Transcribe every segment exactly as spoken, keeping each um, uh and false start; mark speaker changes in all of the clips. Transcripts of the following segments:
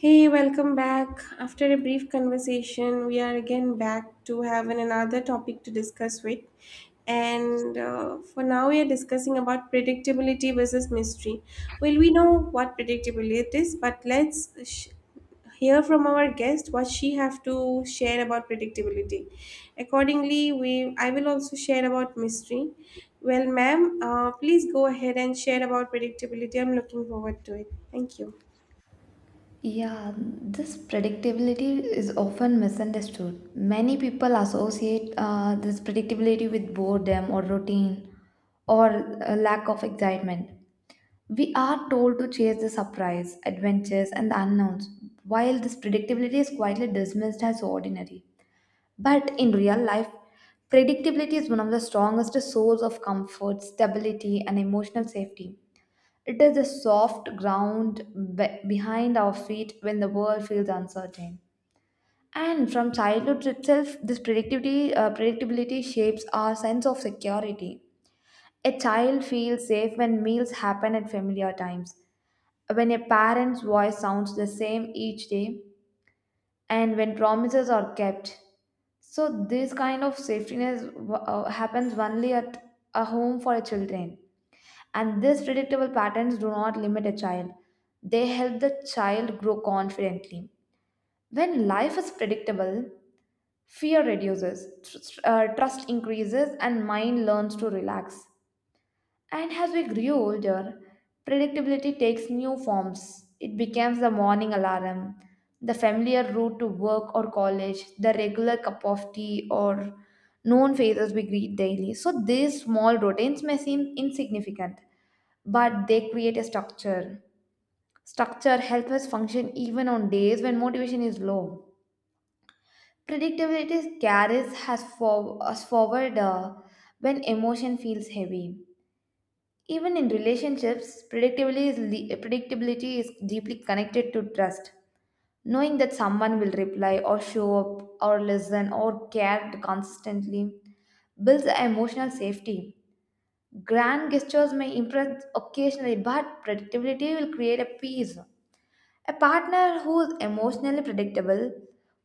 Speaker 1: Hey, welcome back. After a brief conversation, we are again back to have an- another topic to discuss with. And uh, For now, we are discussing about predictability versus mystery. Well, we know what predictability it is, but let's sh- hear from our guest what she have to share about predictability. Accordingly, we I will also share about mystery. Well, ma'am, uh, please go ahead and share about predictability. I'm looking forward to it. Thank you.
Speaker 2: Yeah, this predictability is often misunderstood. Many people associate uh, this predictability with boredom or routine or a lack of excitement. We are told to chase the surprise, adventures, and the unknowns, while this predictability is quietly dismissed as ordinary. But in real life, predictability is one of the strongest sources of comfort, stability, and emotional safety. It is the soft ground be- behind our feet when the world feels uncertain. And from childhood itself, this predictability, uh, predictability shapes our sense of security. A child feels safe when meals happen at familiar times, when a parent's voice sounds the same each day, and when promises are kept. So, this kind of safetiness uh, happens only at a home for children. And these predictable patterns do not limit a child, they help the child grow confidently. When life is predictable, fear reduces, tr- tr- uh, trust increases, and mind learns to relax. And as we grew older, predictability takes new forms. It becomes the morning alarm, the familiar route to work or college, the regular cup of tea, or known faces we greet daily. So these small routines may seem insignificant, but they create a structure. Structure helps us function even on days when motivation is low. Predictability carries has for, us forward uh, when emotion feels heavy. Even in relationships, predictability is, le- predictability is deeply connected to trust. Knowing that someone will reply or show up or listen or care consistently builds emotional safety. Grand gestures may impress occasionally, but predictability will create a peace. A partner who is emotionally predictable,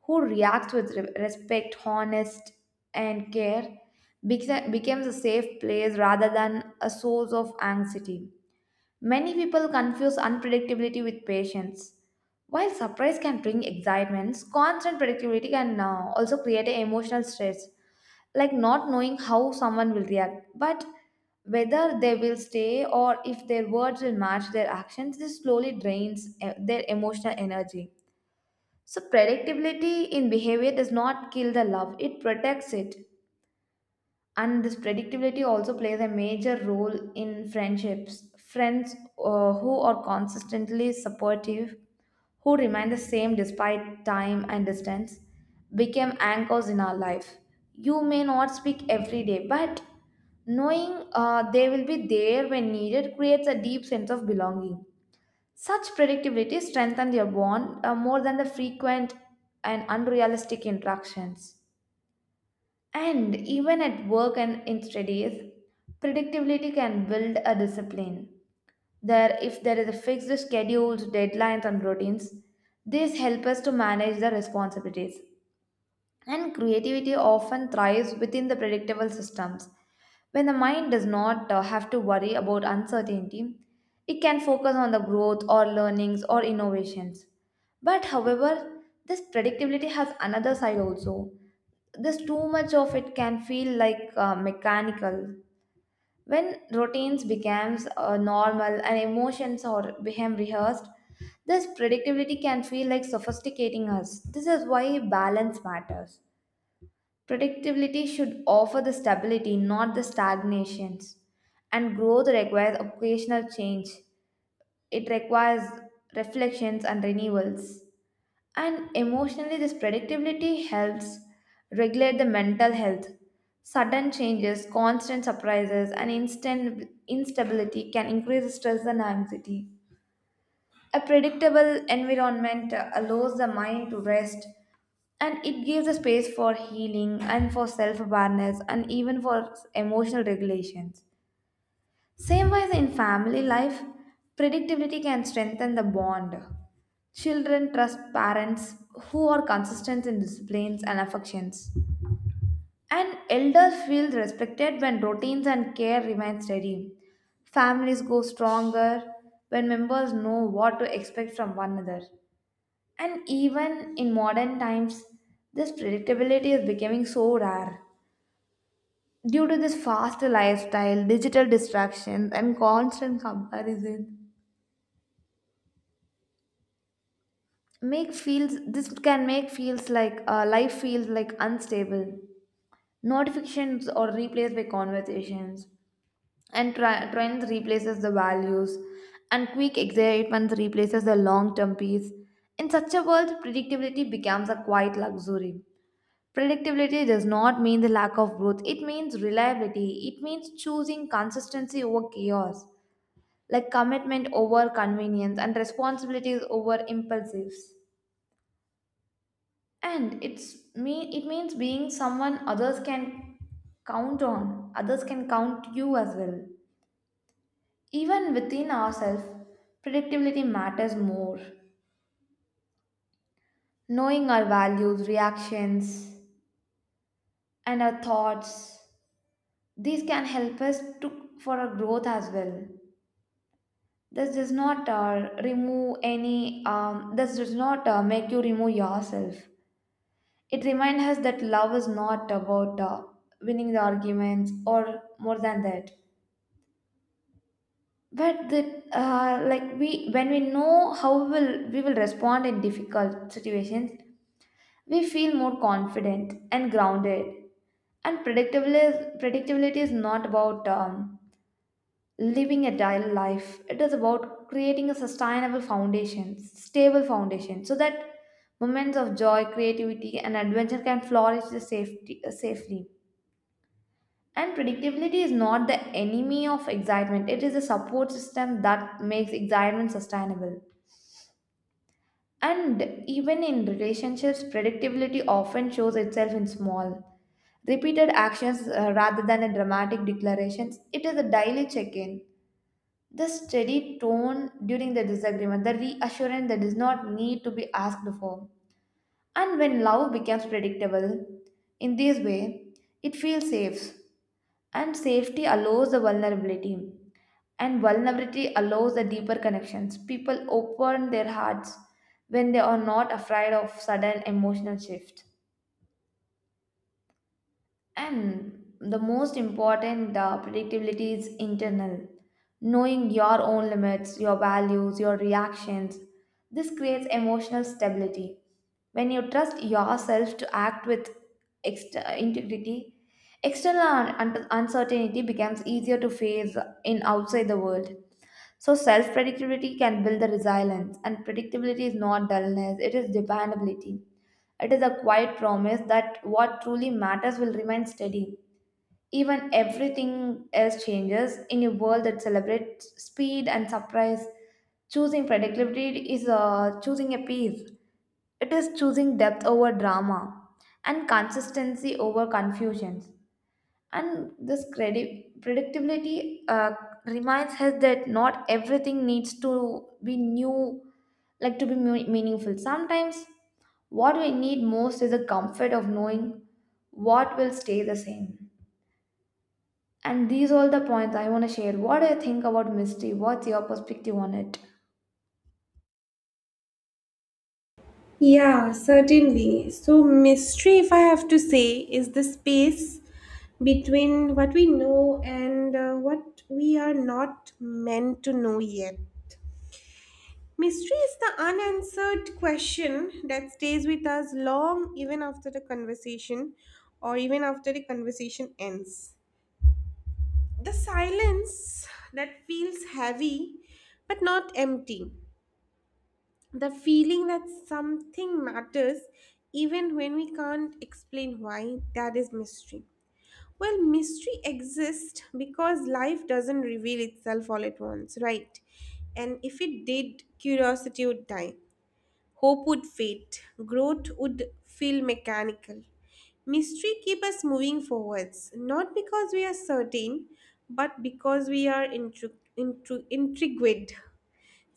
Speaker 2: who reacts with re- respect, honest, and care, beca- becomes a safe place rather than a source of anxiety. Many people confuse unpredictability with patience. While surprise can bring excitements, constant predictability can uh, also create an emotional stress, like not knowing how someone will react, but whether they will stay or if their words will match their actions. This slowly drains eh, their emotional energy. So predictability in behavior does not kill the love, it protects it. And this predictability also plays a major role in friendships. Friends uh, who are consistently supportive, who remain the same despite time and distance, became anchors in our life. You may not speak every day, but knowing uh, they will be there when needed creates a deep sense of belonging. Such predictability strengthens your bond uh, more than the frequent and unrealistic interactions. And even at work and in studies, predictability can build a discipline. There, if there is a fixed schedules, deadlines, and routines, these help us to manage the responsibilities. And creativity often thrives within the predictable systems. When the mind does not uh, have to worry about uncertainty, it can focus on the growth or learnings or innovations. But however, this predictability has another side also. This too much of it can feel like uh, mechanical. When routines becomes uh, normal and emotions or become rehearsed, this predictability can feel like sophisticating us. This is why balance matters. Predictability should offer the stability, not the stagnations. And growth requires occasional change. It requires reflections and renewals. And emotionally, this predictability helps regulate the mental health. Sudden changes, constant surprises, and instant instability can increase stress and anxiety. A predictable environment uh, allows the mind to rest, and it gives a space for healing and for self awareness and even for emotional regulations. Same wise in family life, predictability can strengthen the bond. Children trust parents who are consistent in disciplines and affections. And elders feel respected when routines and care remain steady. Families grow stronger when members know what to expect from one another. And even in modern times, this predictability is becoming so rare. Due to this fast lifestyle, digital distractions, and constant comparison, make feels this can make feels like uh, life feels like unstable. Notifications are replaced by conversations, and tri- trends replaces the values, and quick excitement replaces the long-term peace. In such a world, predictability becomes a quiet luxury. Predictability does not mean the lack of growth, it means reliability. It means choosing consistency over chaos, like commitment over convenience and responsibilities over impulsives. And it's mean it means being someone others can count on, others can count you as well. Even within ourselves, predictability matters more. Knowing our values, reactions, and our thoughts, these can help us to for our growth as well. This does not uh, remove any, um, this does not uh, make you remove yourself. It reminds us that love is not about uh, winning the arguments or more than that. But the, uh, like we, when we know how will we will respond in difficult situations, we feel more confident and grounded. And predictability is, predictability is not about um, living a daily life. It is about creating a sustainable foundation stable foundation, so that moments of joy, creativity, and adventure can flourish the safety, uh, safely. And predictability is not the enemy of excitement, it is a support system that makes excitement sustainable. And even in relationships, predictability often shows itself in small repeated actions uh, rather than a dramatic declarations. It is a daily check-in. The steady tone during the disagreement, the reassurance that does not need to be asked for. And when love becomes predictable, in this way, it feels safe. And safety allows the vulnerability. And vulnerability allows the deeper connections. People open their hearts when they are not afraid of sudden emotional shift. And the most important uh, predictability is internal. Knowing your own limits, your values, your reactions. This creates emotional stability. When you trust yourself to act with ext- integrity, external un- uncertainty becomes easier to face in outside the world. So self predictability can build the resilience, and predictability is not dullness, it is dependability. It is a quiet promise that what truly matters will remain steady. Even everything else changes in a world that celebrates speed and surprise. Choosing predictability is uh, choosing a peace. It is choosing depth over drama and consistency over confusions. And this credi- predictability uh, reminds us that not everything needs to be new, like to be mu- meaningful. Sometimes what we need most is the comfort of knowing what will stay the same. And these all the points I want to share. What do you think about mystery? What's your perspective on it?
Speaker 1: Yeah, certainly. So, mystery, if I have to say, is the space between what we know and uh, what we are not meant to know yet. Mystery is the unanswered question that stays with us long even after the conversation or even after the conversation ends. The silence that feels heavy but not empty. The feeling that something matters even when we can't explain why, that is mystery. Well, mystery exists because life doesn't reveal itself all at once, right? And if it did, curiosity would die, hope would fade, growth would feel mechanical. Mystery keep us moving forwards, not because we are certain, but because we are intri- intri- intrigued.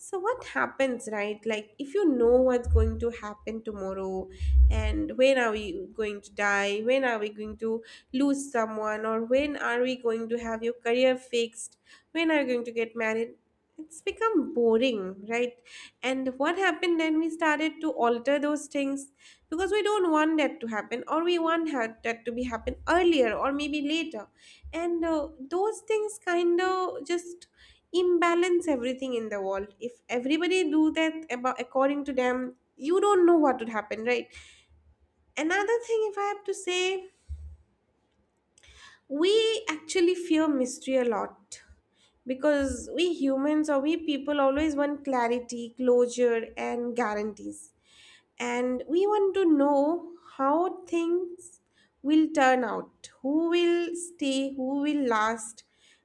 Speaker 1: So what happens, right? Like if you know what's going to happen tomorrow, and when are we going to die, when are we going to lose someone, or when are we going to have your career fixed, when are you going to get married? It's become boring, right? And what happened, then we started to alter those things because we don't want that to happen, or we want ha- that to be happen earlier or maybe later. And uh, those things kind of just imbalance everything in the world. If everybody do that about according to them, you don't know what would happen, right? Another thing, if I have to say, we actually fear mystery a lot because we humans, or we people, always want clarity, closure, and guarantees. And we want to know how things will turn out, who will stay, who will last.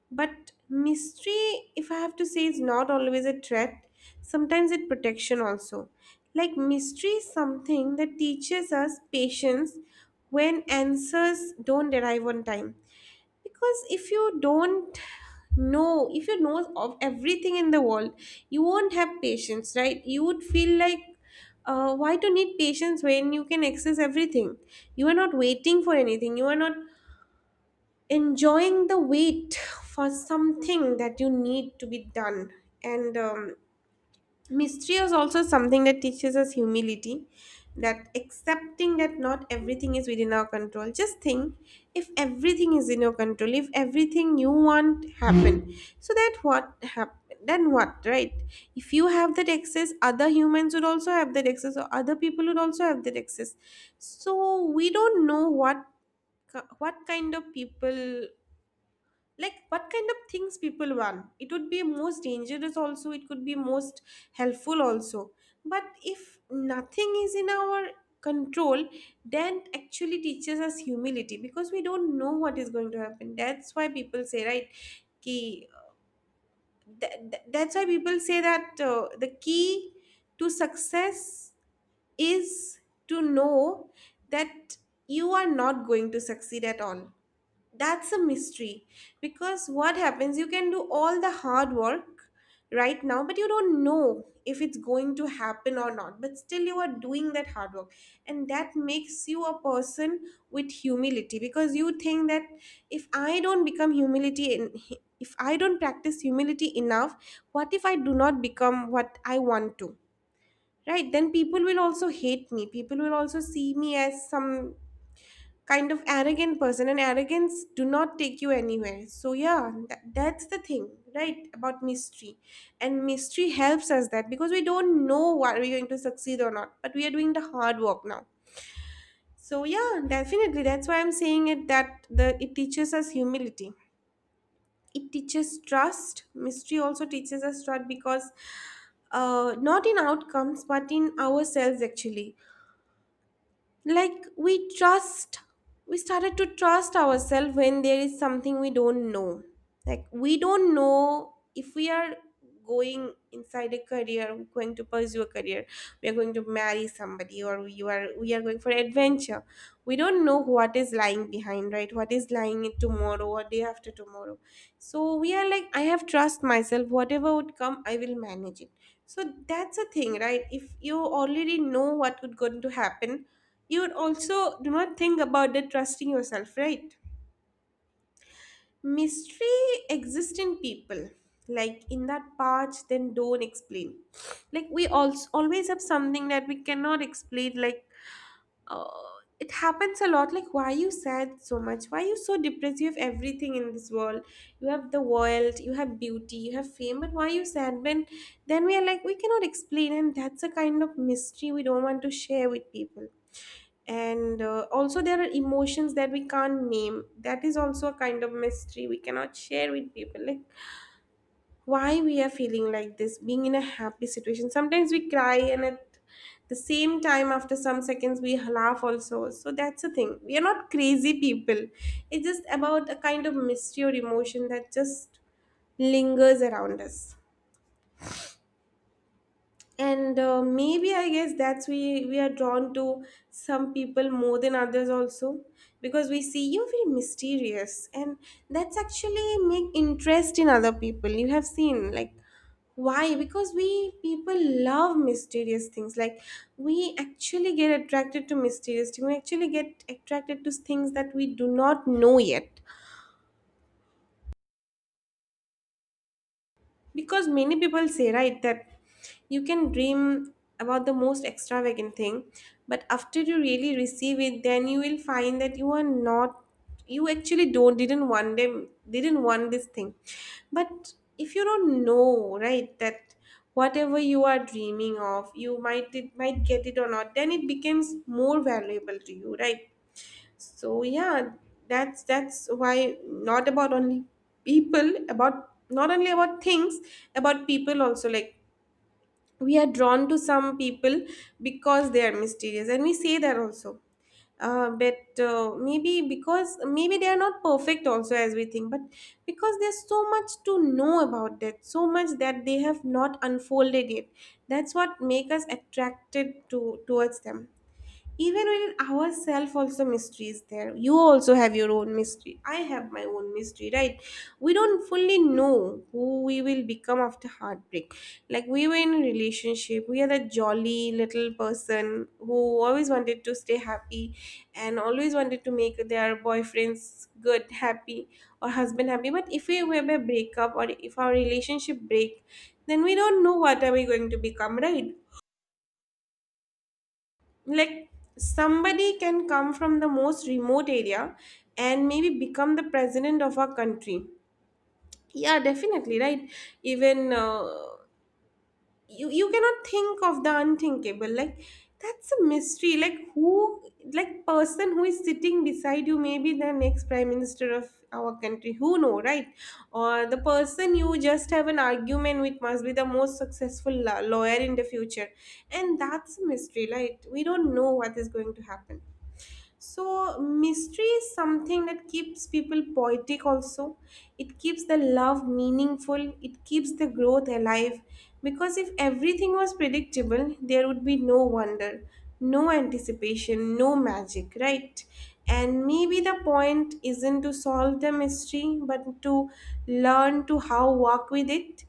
Speaker 1: But mystery, if I have to say, is not always a threat. Sometimes it protection also. Like mystery is something that teaches us patience when answers don't arrive on time. Because if you don't know, if you know of everything in the world, you won't have patience, right? You would feel like, uh, why to need patience when you can access everything? You are not waiting for anything, you are not enjoying the wait for something that you need to be done. And um, mystery is also something that teaches us humility, that accepting that not everything is within our control. Just think, if everything is in your control, if everything you want happen, so that what happen? Then what, right? If you have that access, other humans would also have that access, or other people would also have that access. So we don't know what ki- what kind of people, like what kind of things people want. It would be most dangerous also, it could be most helpful also. But if nothing is in our control, then actually teaches us humility because we don't know what is going to happen. That's why people say, right, key th- th- that's why people say that, uh, the key to success is to know that you are not going to succeed at all. That's a mystery. Because what happens, you can do all the hard work right now, but you don't know if it's going to happen or not, but still you are doing that hard work. And that makes you a person with humility because you think that if I don't become humility in, if I don't practice humility enough, what if I do not become what I want to, right? Then people will also hate me, people will also see me as some kind of arrogant person, and arrogance do not take you anywhere. So yeah, that, that's the thing, right, about mystery. And mystery helps us that because we don't know what we're going to succeed or not, but we are doing the hard work now. So yeah, definitely, that's why I'm saying it, that the it teaches us humility. It teaches trust. Mystery also teaches us trust because, uh, not in outcomes but in ourselves actually. Like we trust, we started to trust ourselves when there is something we don't know. Like we don't know if we are going inside a career we're going to pursue a career, we are going to marry somebody, or we are we are going for adventure. We don't know what is lying behind, right, what is lying tomorrow or day after tomorrow. So we are like, I have trust myself, whatever would come I will manage it. So that's a thing, right? If you already know what would going to happen, you would also do not think about the trusting yourself, right? Mystery exists in people, like in that part then don't explain. Like we also always have something that we cannot explain, like, uh, it happens a lot. Like why you sad so much, why you so depressed, you have everything in this world, you have the world, you have beauty, you have fame, but why you sad? When then we are like we cannot explain, and that's a kind of mystery we don't want to share with people. And uh, also there are emotions that we can't name, that is also a kind of mystery we cannot share with people. Like why we are feeling like this, being in a happy situation sometimes we cry, and at the same time after some seconds we laugh also. So that's the thing, we are not crazy people, it's just about a kind of mystery or emotion that just lingers around us. And uh, maybe I guess that's we we are drawn to some people more than others also, because we see you very mysterious, and that's actually make interest in other people, you have seen, like why? Because we people love mysterious things. Like we actually get attracted to mysterious things, we actually get attracted to things that we do not know yet. Because many people say, right, that you can dream about the most extravagant thing, but after you really receive it, then you will find that you are not, you actually don't didn't want them, didn't want this thing. But if you don't know, right, that whatever you are dreaming of you might it might get it or not, then it becomes more valuable to you, right? So yeah, that's that's why not about only people, about not only about things, about people also. Like we are drawn to some people because they are mysterious, and we say that also. Uh, but uh, maybe, because maybe they are not perfect also as we think, but because there's so much to know about that, so much that they have not unfolded yet. That's what make us attracted to towards them. Even within ourselves also mystery is there. You also have your own mystery, I have my own mystery, right? We don't fully know who we will become after heartbreak. Like we were in a relationship, we are that jolly little person who always wanted to stay happy and always wanted to make their boyfriends good happy or husband happy. But if we have a breakup or if our relationship break, then we don't know what are we going to become, right? Like somebody can come from the most remote area and maybe become the president of our country. Yeah, definitely, right? Even, uh, you you cannot think of the unthinkable. Like that's a mystery, like who, like person who is sitting beside you may be the next prime minister of our country, who know, right? Or the person you just have an argument with must be the most successful la- lawyer in the future. And that's a mystery, right? We don't know what is going to happen. So, mystery is something that keeps people poetic also. It keeps the love meaningful, it keeps the growth alive. Because if everything was predictable, there would be no wonder, no anticipation, no magic, right? And maybe the point isn't to solve the mystery, but to learn to how work with it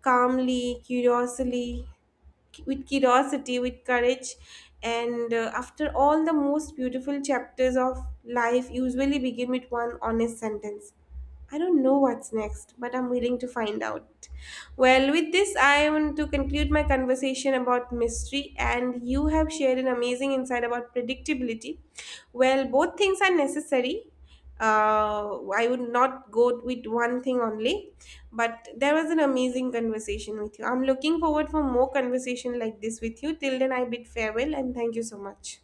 Speaker 1: calmly, curiously, with curiosity, with courage. And uh, after all, the most beautiful chapters of life usually begin with one honest sentence: I don't know what's next, but I'm willing to find out. Well, with this, I want to conclude my conversation about mystery, and you have shared an amazing insight about predictability. Well, both things are necessary. Uh, I would not go with one thing only, but there was an amazing conversation with you. I'm looking forward for more conversation like this with you. Till then, I bid farewell and thank you so much.